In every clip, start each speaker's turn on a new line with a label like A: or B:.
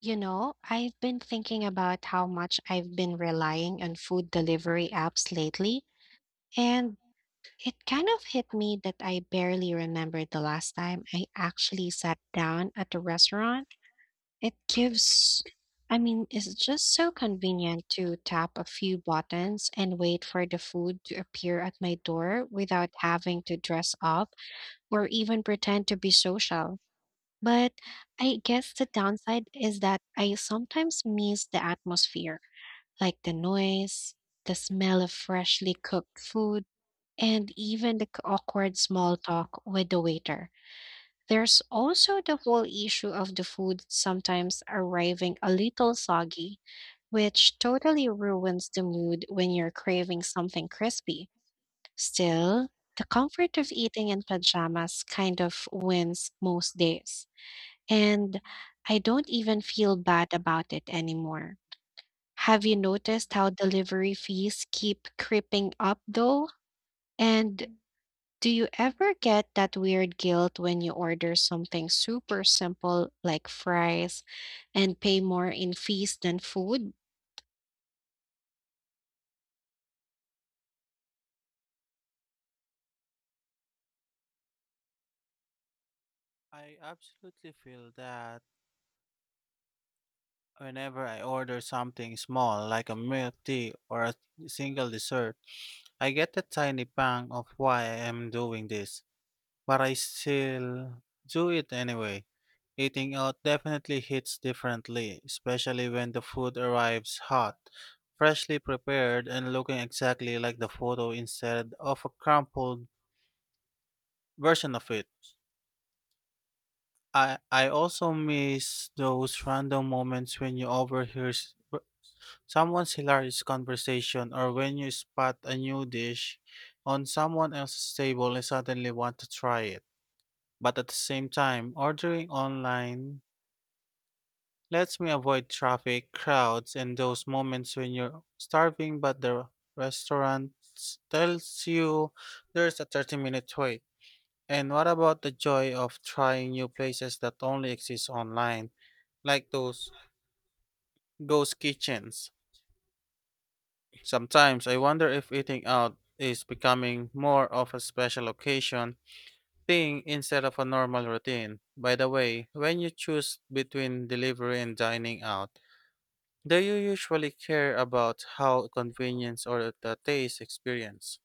A: You know, I've been thinking about how much I've been relying on food delivery apps lately, and it kind of hit me that I barely remember the last time I actually sat down at a restaurant. It gives, I mean, it's just so convenient to tap a few buttons and wait for the food to appear at my door without having to dress up or even pretend to be social. But I guess the downside is that I sometimes miss the atmosphere, like the noise, the smell of freshly cooked food, and even the awkward small talk with the waiter. There's also the whole issue of the food sometimes arriving a little soggy, which totally ruins the mood when you're craving something crispy. Still, the comfort of eating in pajamas kind of wins most days. And I don't even feel bad about it anymore. Have you noticed how delivery fees keep creeping up though? And do you ever get that weird guilt when you order something super simple like fries and pay more in fees than food?
B: I absolutely feel that whenever I order something small, like a milk tea or a single dessert, I get a tiny pang of why I am doing this, but I still do it anyway. Eating out definitely hits differently, especially when the food arrives hot, freshly prepared, and looking exactly like the photo instead of a crumpled version of it. I also miss those random moments when you overhear someone's hilarious conversation or when you spot a new dish on someone else's table and suddenly want to try it. But at the same time, ordering online lets me avoid traffic, crowds, and those moments when you're starving but the tells you there's a 30-minute wait. And what about the joy of trying new places that only exist online, like those ghost kitchens? Sometimes I wonder if eating out is becoming more of a special occasion thing instead of a normal routine. By the way, when you choose between delivery and dining out, do you usually care about how convenience or the taste experience?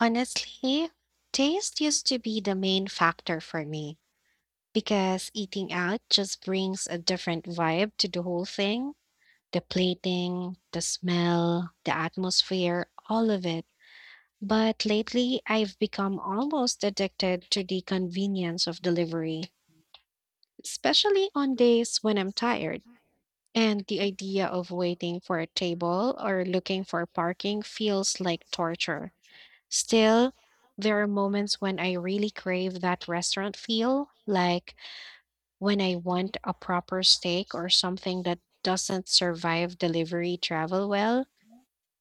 A: Honestly, taste used to be the main factor for me because eating out just brings a different vibe to the whole thing. The plating, the smell, the atmosphere, all of it. But lately, I've become almost addicted to the convenience of delivery, especially on days when I'm tired. And the idea of waiting for a table or looking for parking feels like torture. Still, there are moments when I really crave that restaurant feel, like when I want a proper steak or something that doesn't survive delivery travel well.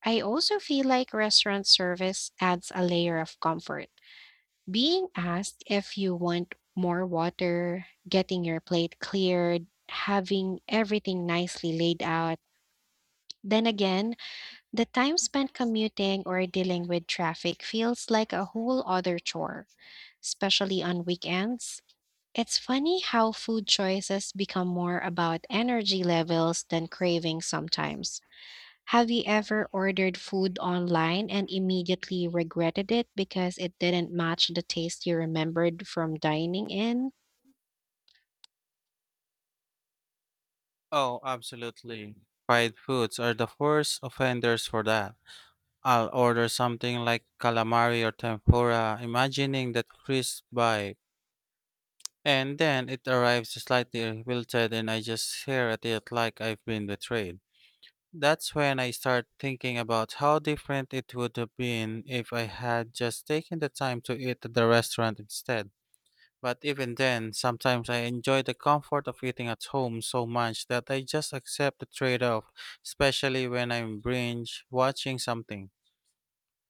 A: I also feel like restaurant service adds a layer of comfort. Being asked if you want more water, getting your plate cleared, having everything nicely laid out. Then again, the time spent commuting or dealing with traffic feels like a whole other chore, especially on weekends. It's funny how food choices become more about energy levels than cravings sometimes. Have you ever ordered food online and immediately regretted it because it didn't match the taste you remembered from dining in?
B: Oh, absolutely. Fried foods are the worst offenders for that. I'll order something like calamari or tempura, imagining that crisp bite, and then it arrives slightly wilted, and I just stare at it like I've been betrayed. That's when I start thinking about how different it would have been if I had just taken the time to eat at the restaurant instead. But even then, sometimes I enjoy the comfort of eating at home so much that I just accept the trade off, especially when I'm binge watching something.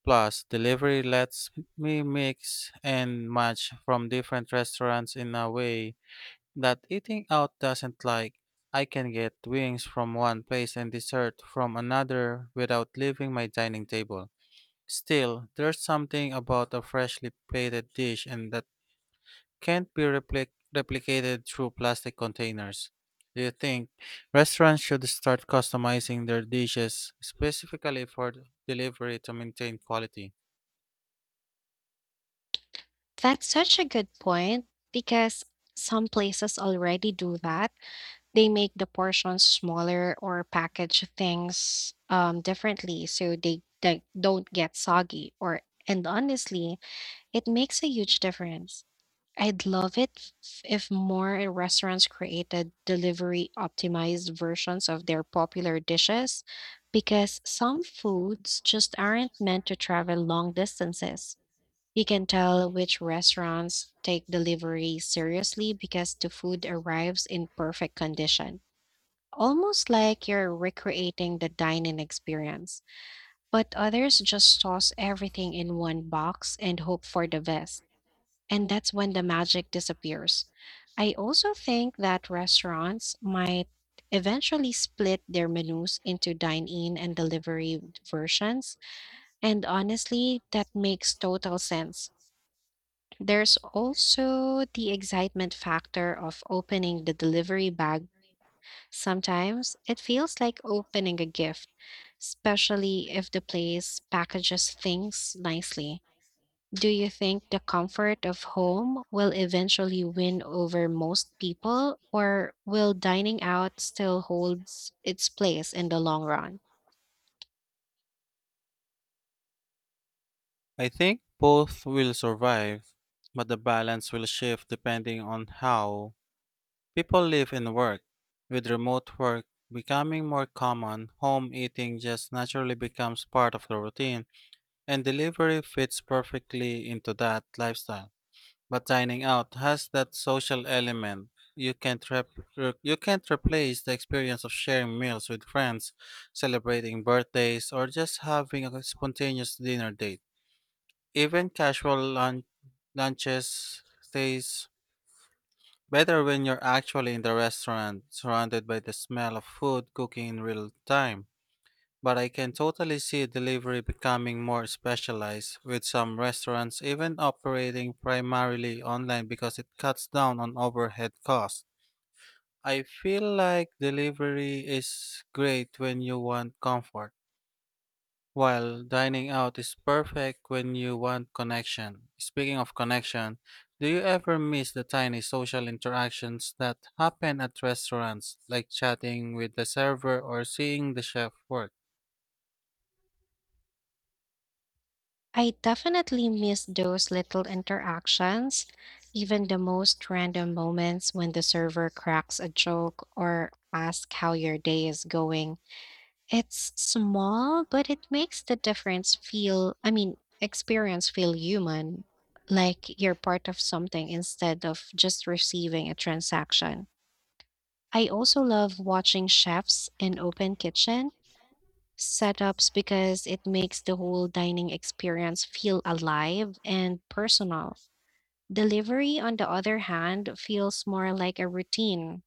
B: Plus, delivery lets me mix and match from different restaurants in a way that eating out doesn't, like I can get wings from one place and dessert from another without leaving my dining table. Still, there's something about a freshly plated dish and that can't be repli- replicated through plastic containers. Do you think restaurants should start customizing their dishes specifically for delivery to maintain quality?
A: That's such a good point because some places already do that. They make the portions smaller or package things differently so they don't get soggy, or and honestly, it makes a huge difference. I'd love it if more restaurants created delivery optimized versions of their popular dishes because some foods just aren't meant to travel long distances. You can tell which restaurants take delivery seriously because the food arrives in perfect condition. Almost like you're recreating the dining experience, but others just toss everything in one box and hope for the best and that's when the magic disappears. I also think that restaurants might eventually split their menus into dine in and delivery versions, and honestly, that makes total sense. There's also the excitement factor of opening the delivery bag. Sometimes it feels like opening a gift, especially if the place packages things nicely. Do you think the comfort of home will eventually win over most people, or will dining out still holds its place in the long run?
B: I think both will survive, but the balance will shift depending on how people live and work. With remote work becoming more common, home eating just naturally becomes part of the routine, and delivery fits perfectly into that lifestyle. But dining out has that social element. You can't, rep- you can't replace the experience of sharing meals with friends, celebrating birthdays, or just having a spontaneous dinner date. Even casual lunches stays better when you're actually in the restaurant, surrounded by the smell of food cooking in real time. But I can totally see delivery becoming more specialized, with some restaurants even operating primarily online because it cuts down on overhead costs. I feel like delivery is great when you want comfort while dining out is perfect when you want connection. Speaking of connection, do you ever miss the tiny social interactions that happen at restaurants, like chatting with the server or seeing the chef work?
A: I definitely miss those little interactions, even the most random moments when the server cracks a joke or asks how your day is going. It's small, but it makes the difference feel, I mean, experience feel human, like you're part of something instead of just receiving a transaction. I also love watching chefs in open kitchen setups because it makes the whole dining experience feel alive and personal. Delivery, on the other hand, feels more like a routine.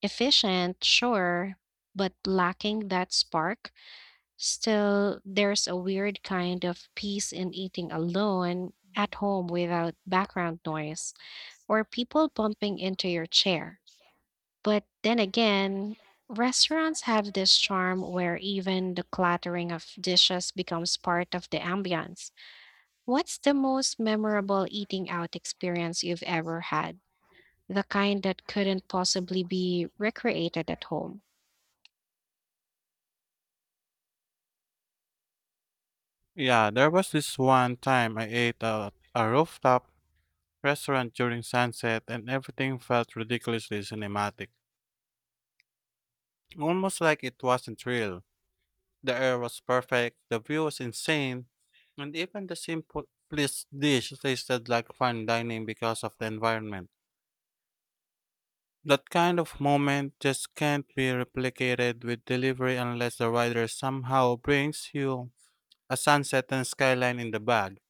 A: Efficient, sure, but lacking that spark. Still, there's a weird kind of peace in eating alone at home without background noise or people bumping into your chair. But then again, restaurants have this charm where even the clattering of dishes becomes part of the ambiance. What's the most memorable eating out experience you've ever had? The kind that couldn't possibly be recreated at home?
B: Yeah, there was this one time I ate at a rooftop restaurant during sunset and everything felt ridiculously cinematic. Almost like it wasn't real. The air was perfect, the view was insane, and even the simplest dish tasted like fine dining because of the environment. That kind of moment just can't be replicated with delivery unless the rider somehow brings you a sunset and skyline in the bag.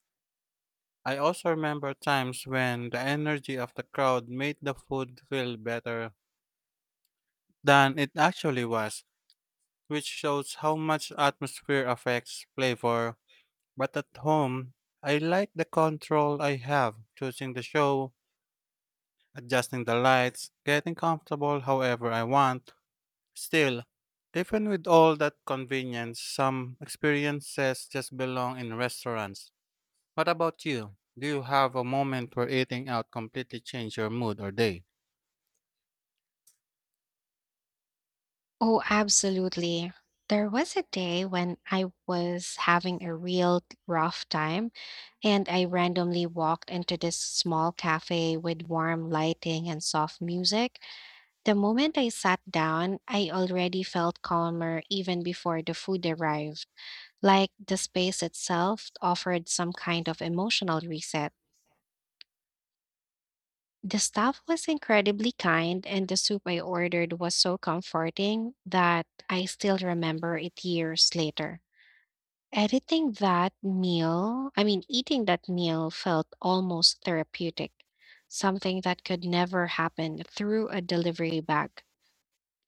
B: I also remember times when the energy of the crowd made the food feel better than it actually was, which shows how much atmosphere affects flavor. But at home, I like the control I have, choosing the show, adjusting the lights, getting comfortable however I want. Still, even with all that convenience, some experiences just belong in restaurants. What about you? Do you have a moment where eating out completely changed your mood or day?
A: Oh, absolutely. There was a day when I was having a real rough time, and I randomly walked into this small cafe with warm lighting and soft music. The moment I sat down, I already felt calmer even before the food arrived, like the space itself offered some kind of emotional reset. The staff was incredibly kind, and the soup I ordered was so comforting that I still remember it years later. Editing that meal, I mean, eating that meal felt almost therapeutic, something that could never happen through a delivery bag.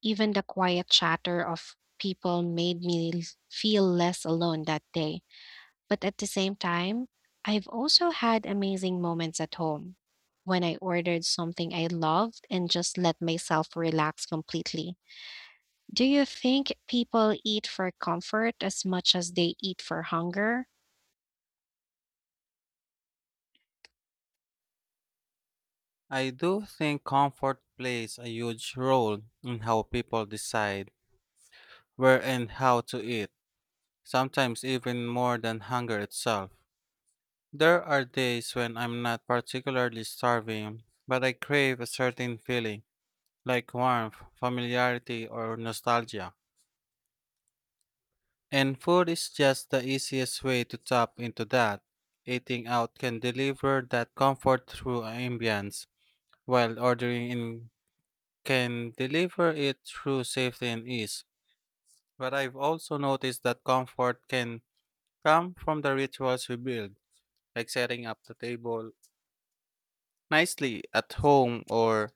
A: Even the quiet chatter of people made me feel less alone that day. But at the same time, I've also had amazing moments at home when I ordered something I loved and just let myself relax completely. Do you think people eat for comfort as much as they eat for hunger?
B: I do think comfort plays a huge role in how people decide where and how to eat, sometimes even more than hunger itself. There are days when I'm not particularly starving, but I crave a certain feeling, like warmth, familiarity, or nostalgia. And food is just the easiest way to tap into that. Eating out can deliver that comfort through ambience, while ordering in can deliver it through safety and ease. But I've also noticed that comfort can come from the rituals we build, like setting up the table nicely at home or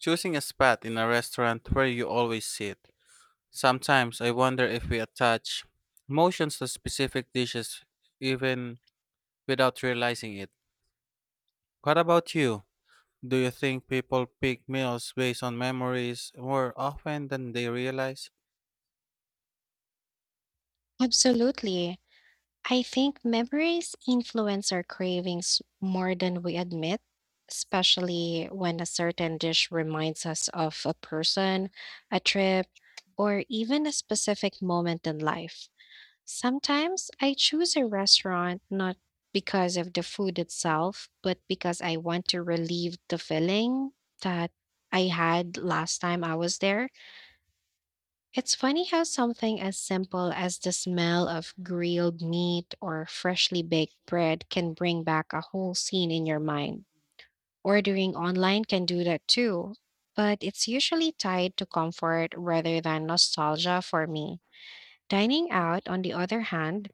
B: choosing a spot in a restaurant where you always sit. Sometimes I wonder if we attach emotions to specific dishes even without realizing it. What about you? Do you think people pick meals based on memories more often than they realize?
A: Absolutely. I think memories influence our cravings more than we admit, especially when a certain dish reminds us of a person, a trip, or even a specific moment in life. Sometimes I choose a restaurant not because of the food itself, but because I want to relieve the feeling that I had last time I was there. It's funny how something as simple as the smell of grilled meat or freshly baked bread can bring back a whole scene in your mind. Ordering online can do that too, but it's usually tied to comfort rather than nostalgia for me. Dining out, on the other hand,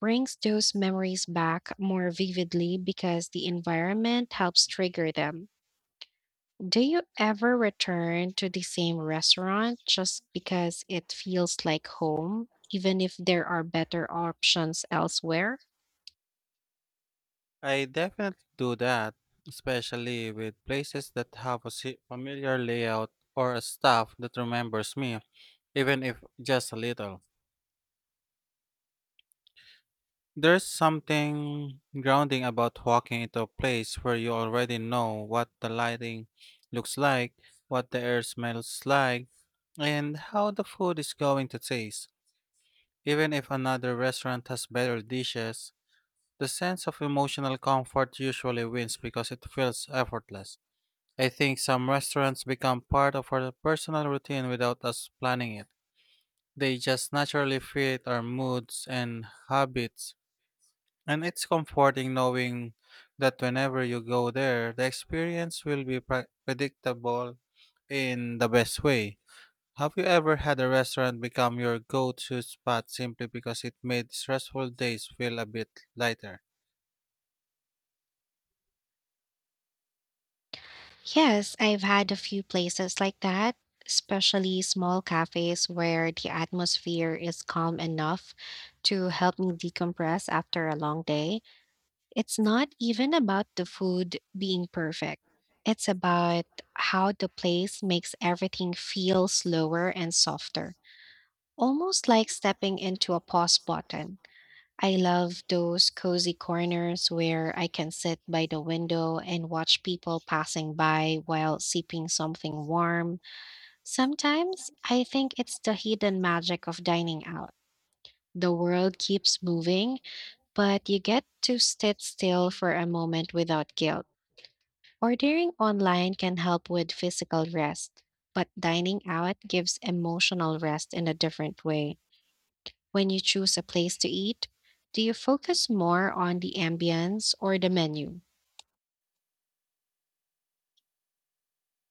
A: brings those memories back more vividly because the environment helps trigger them. Do you ever return to the same restaurant just because it feels like home, even if there are better options elsewhere?
B: I definitely do that, especially with places that have a familiar layout or a staff that remembers me, even if just a little. There's something grounding about walking into a place where you already know what the lighting looks like, what the air smells like, and how the food is going to taste. Even if another restaurant has better dishes, the sense of emotional comfort usually wins because it feels effortless. I think some restaurants become part of our personal routine without us planning it. They just naturally fit our moods and habits and it's comforting knowing that whenever you go there, the experience will be predictable in the best way. Have you ever had a restaurant become your go to spot simply because it made stressful days feel a bit lighter?
A: Yes, I've had a few places like that, especially small cafes where the atmosphere is calm enough to help me decompress after a long day. It's not even about the food being perfect. It's about how the place makes everything feel slower and softer, almost like stepping into a pause button. I love those cozy corners where I can sit by the window and watch people passing by while sipping something warm. Sometimes I think it's the hidden magic of dining out. The world keeps moving, but you get to sit still for a moment without guilt. Ordering online can help with physical rest, but dining out gives emotional rest in a different way. When you choose a place to eat, do you focus more on the ambience or the menu?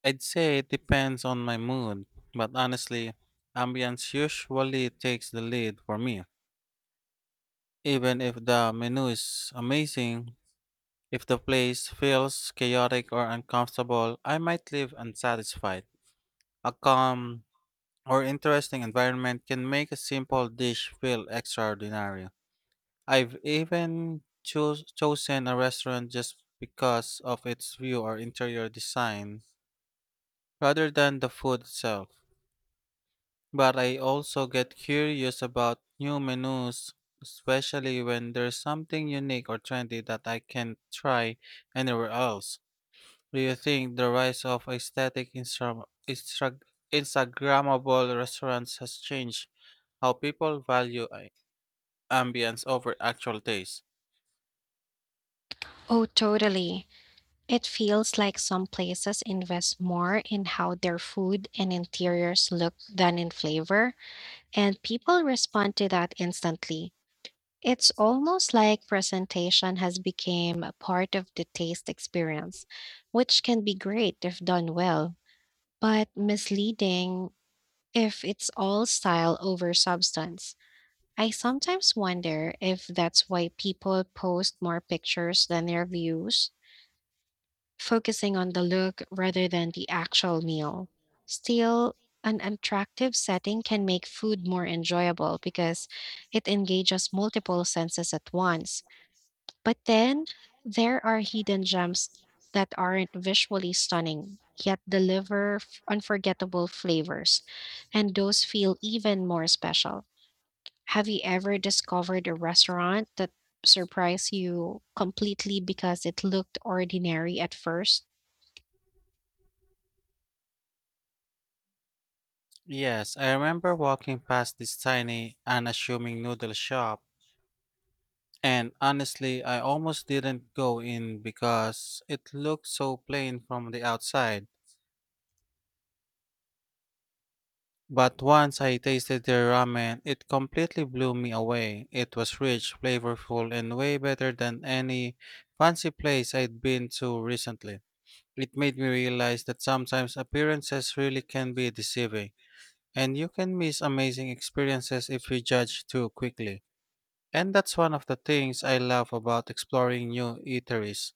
B: I'd say it depends on my mood, but honestly, ambience usually takes the lead for me. Even if the menu is amazing, if the place feels chaotic or uncomfortable, I might leave unsatisfied. A calm or interesting environment can make a simple dish feel extraordinary. I've even chosen a restaurant just because of its view or interior design rather than the food itself. But I also get curious about new menus, especially when there's something unique or trendy that I can try anywhere else. Do you think the rise of aesthetic Instagrammable restaurants has changed how people value ambience over actual taste?
A: Oh, totally. It feels like some places invest more in how their food and interiors look than in flavor, and people respond to that instantly. It's almost like presentation has become a part of the taste experience, which can be great if done well, but misleading if it's all style over substance. I sometimes wonder if that's why people post more pictures than their views, focusing on the look rather than the actual meal. Still, an attractive setting can make food more enjoyable because it engages multiple senses at once, but then there are hidden gems that aren't visually stunning, yet deliver unforgettable flavors, and those feel even more special. Have you ever discovered a restaurant that surprised you completely because it looked ordinary at first?
B: Yes, I remember walking past this tiny, unassuming noodle shop, and honestly, I almost didn't go in because it looked so plain from the outside. But once I tasted their ramen, it completely blew me away. It was rich, flavorful, and way better than any fancy place I'd been to recently. It made me realize that sometimes appearances really can be deceiving. And you can miss amazing experiences if you judge too quickly. And that's one of the things I love about exploring new eateries.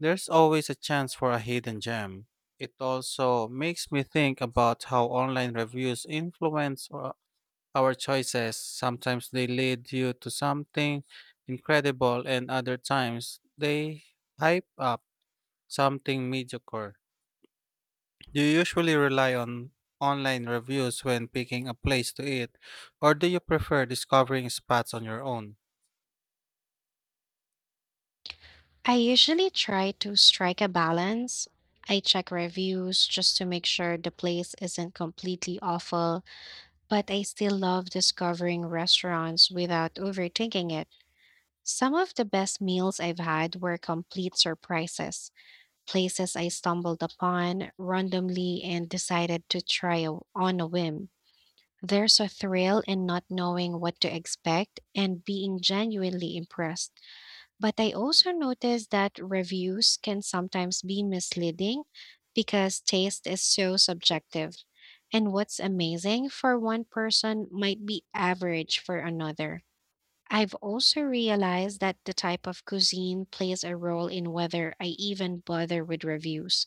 B: There's always a chance for a hidden gem. It also makes me think about how online reviews influence our choices. Sometimes they lead you to something incredible, and other times they hype up something mediocre. Do you usually rely on online reviews when picking a place to eat, or do you prefer discovering spots on your own?
A: I usually try to strike a balance. I check reviews just to make sure the place isn't completely awful, but I still love discovering restaurants without overthinking it. Some of the best meals I've had were complete surprises, places I stumbled upon randomly and decided to try on a whim. There's a thrill in not knowing what to expect and being genuinely impressed. But I also noticed that reviews can sometimes be misleading because taste is so subjective. And what's amazing for one person might be average for another. I've also realized that the type of cuisine plays a role in whether I even bother with reviews,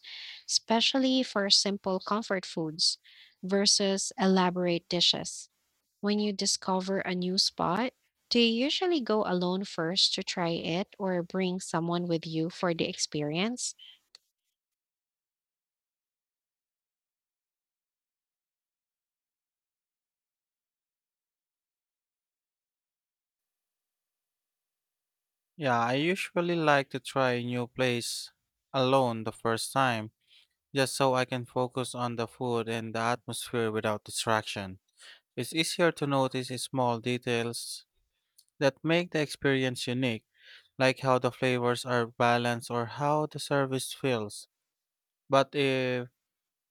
A: especially for simple comfort foods versus elaborate dishes. When you discover a new spot, do you usually go alone first to try it or bring someone with you for the experience?
B: Yeah, I usually like to try a new place alone the first time, just so I can focus on the food and the atmosphere without distraction. It's easier to notice the small details that make the experience unique, like how the flavors are balanced or how the service feels. But if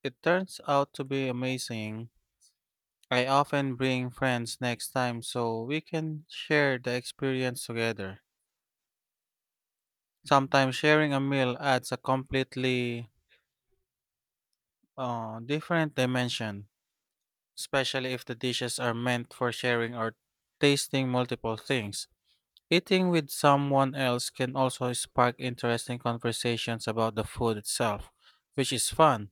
B: it turns out to be amazing, I often bring friends next time so we can share the experience together. Sometimes sharing a meal adds a completely different dimension, especially if the dishes are meant for sharing or tasting multiple things. Eating with someone else can also spark interesting conversations about the food itself, which is fun.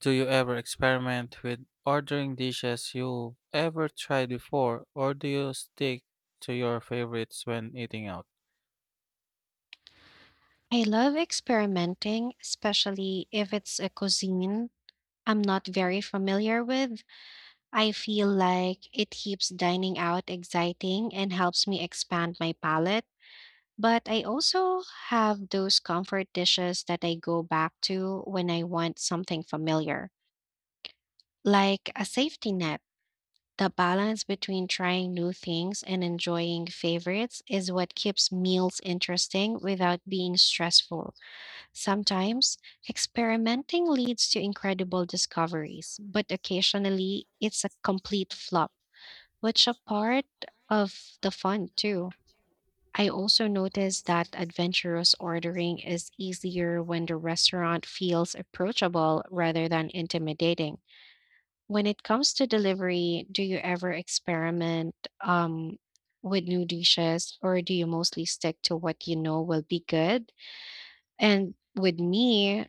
B: Do you ever experiment with ordering dishes you've ever tried before, or do you stick to your favorites when eating out?
A: I love experimenting, especially if it's a cuisine I'm not very familiar with. I feel like it keeps dining out exciting and helps me expand my palate. But I also have those comfort dishes that I go back to when I want something familiar, like a safety net. The balance between trying new things and enjoying favorites is what keeps meals interesting without being stressful. Sometimes experimenting leads to incredible discoveries, but occasionally it's a complete flop, which a part of the fun too. I also noticed that adventurous ordering is easier when the restaurant feels approachable rather than intimidating. When it comes to delivery, do you ever experiment um, with new dishes or do you mostly stick to what you know will be good? And with me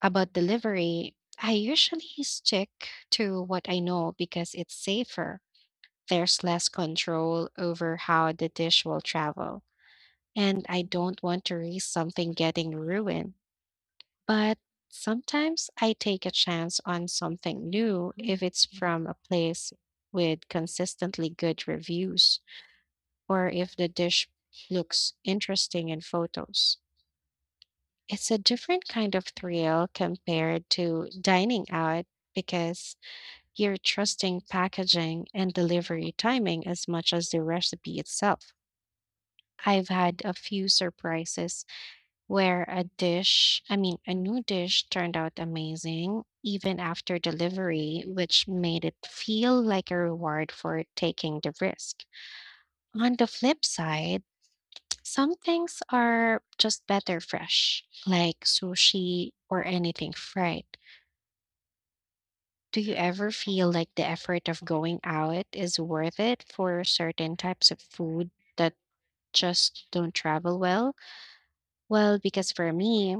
A: about delivery, I usually stick to what I know because it's safer. There's less control over how the dish will travel, and I don't want to risk something getting ruined. But sometimes I take a chance on something new if it's from a place with consistently good reviews or if the dish looks interesting in photos. It's a different kind of thrill compared to dining out because you're trusting packaging and delivery timing as much as the recipe itself. I've had a few surprises where a new dish turned out amazing even after delivery, which made it feel like a reward for taking the risk. On the flip side, some things are just better fresh, like sushi or anything fried. Do you ever feel like the effort of going out is worth it for certain types of food that just don't travel well? Well, because for me,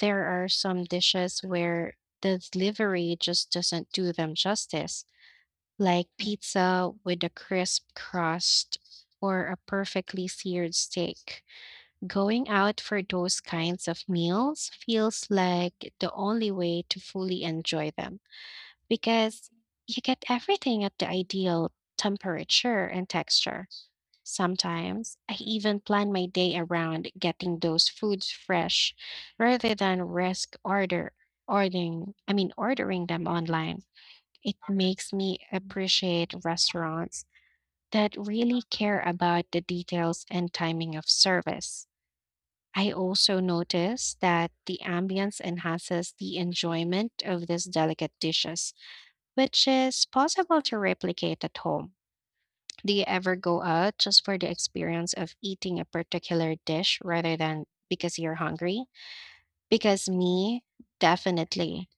A: there are some dishes where the delivery just doesn't do them justice, like pizza with a crisp crust or a perfectly seared steak. Going out for those kinds of meals feels like the only way to fully enjoy them because you get everything at the ideal temperature and texture. Sometimes I even plan my day around getting those foods fresh rather than risk order ordering, I mean ordering them online. It makes me appreciate restaurants that really care about the details and timing of service. I also notice that the ambience enhances the enjoyment of these delicate dishes, which is possible to replicate at home. Do you ever go out just for the experience of eating a particular dish rather than because you're hungry? Because me, definitely.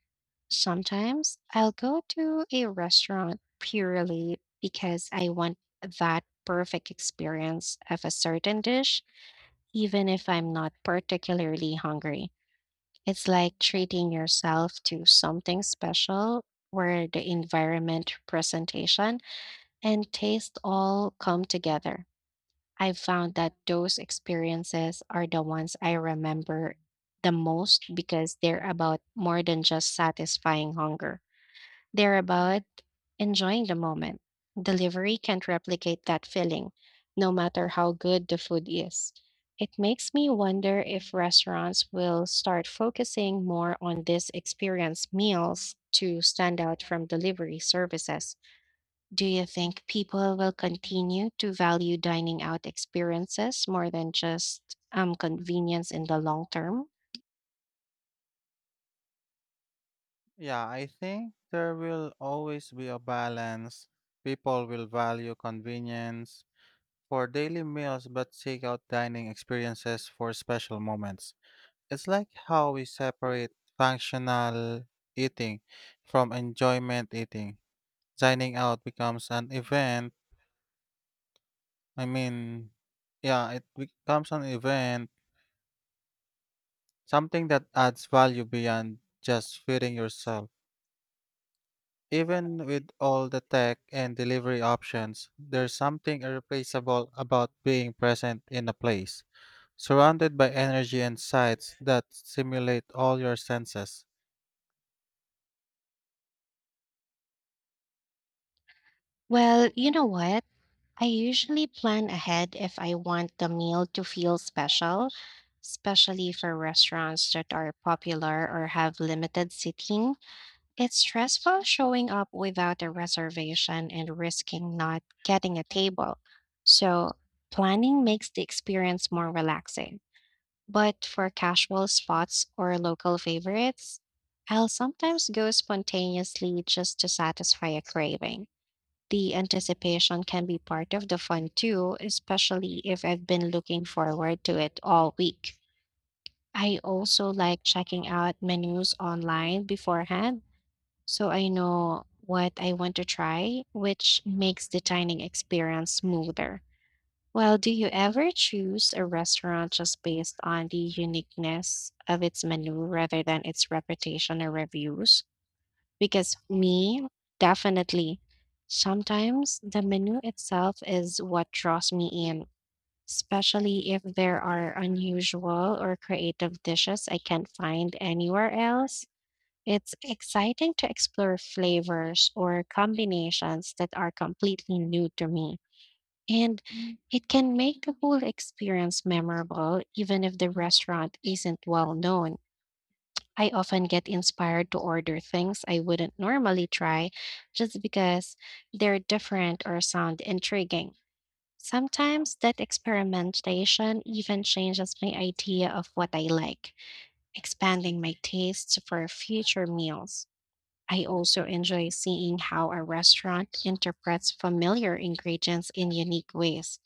A: Sometimes I'll go to a restaurant purely because I want that perfect experience of a certain dish, even if I'm not particularly hungry. It's like treating yourself to something special where the environment, presentation, and taste all come together. I've found that those experiences are the ones I remember the most because they're about more than just satisfying hunger. They're about enjoying the moment. Delivery can't replicate that feeling, no matter how good the food is. It makes me wonder if restaurants will start focusing more on this experience meals to stand out from delivery services. Do you think people will continue to value dining out experiences more than just convenience in the long term?
B: Yeah, I think there will always be a balance. People will value convenience for daily meals but seek out dining experiences for special moments. It's like how we separate functional eating from enjoyment eating. Dining out becomes an event I mean, Yeah, it becomes an event, something that adds value beyond just feeding yourself. Even with all the tech and delivery options, there's something irreplaceable about being present in a place, surrounded by energy and sights that stimulate all your senses.
A: Well, you know what? I usually plan ahead if I want the meal to feel special, especially for restaurants that are popular or have limited seating. It's stressful showing up without a reservation and risking not getting a table. So, planning makes the experience more relaxing. But for casual spots or local favorites, I'll sometimes go spontaneously just to satisfy a craving. The anticipation can be part of the fun too, especially if I've been looking forward to it all week. I also like checking out menus online beforehand so I know what I want to try, which makes the dining experience smoother. Well, do you ever choose a restaurant just based on the uniqueness of its menu rather than its reputation or reviews? Because me, definitely. Sometimes the menu itself is what draws me in, especially if there are unusual or creative dishes I can't find anywhere else. It's exciting to explore flavors or combinations that are completely new to me. And it can make the whole experience memorable, even if the restaurant isn't well known. I often get inspired to order things I wouldn't normally try just because they're different or sound intriguing. Sometimes that experimentation even changes my idea of what I like, expanding my tastes for future meals. I also enjoy seeing how a restaurant interprets familiar ingredients in unique ways.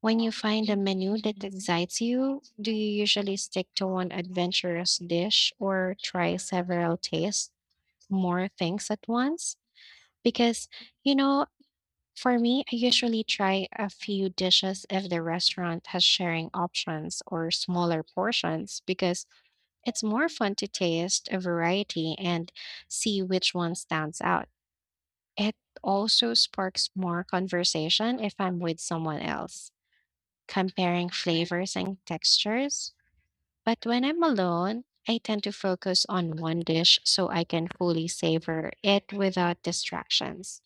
A: When you find a menu that excites you, do you usually stick to one adventurous dish or try several tastes, more things at once? Because, you know, for me, I usually try a few dishes if the restaurant has sharing options or smaller portions because it's more fun to taste a variety and see which one stands out. It also sparks more conversation if I'm with someone else comparing flavors and textures. But when I'm alone, I tend to focus on one dish so I can fully savor it without distractions.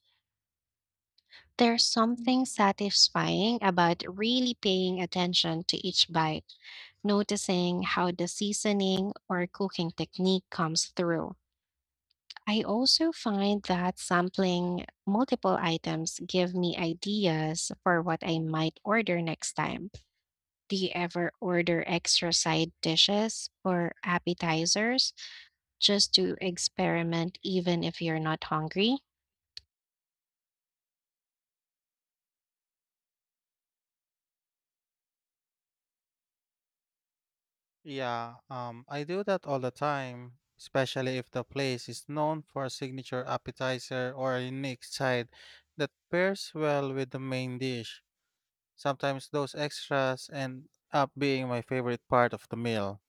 A: There's something satisfying about really paying attention to each bite, noticing how the seasoning or cooking technique comes through. I also find that sampling multiple items give me ideas for what I might order next time. Do you ever order extra side dishes or appetizers just to experiment even if you're not hungry?
B: Yeah, I do that all the time, especially if the place is known for a signature appetizer or a unique side that pairs well with the main dish. Sometimes those extras end up being my favorite part of the meal.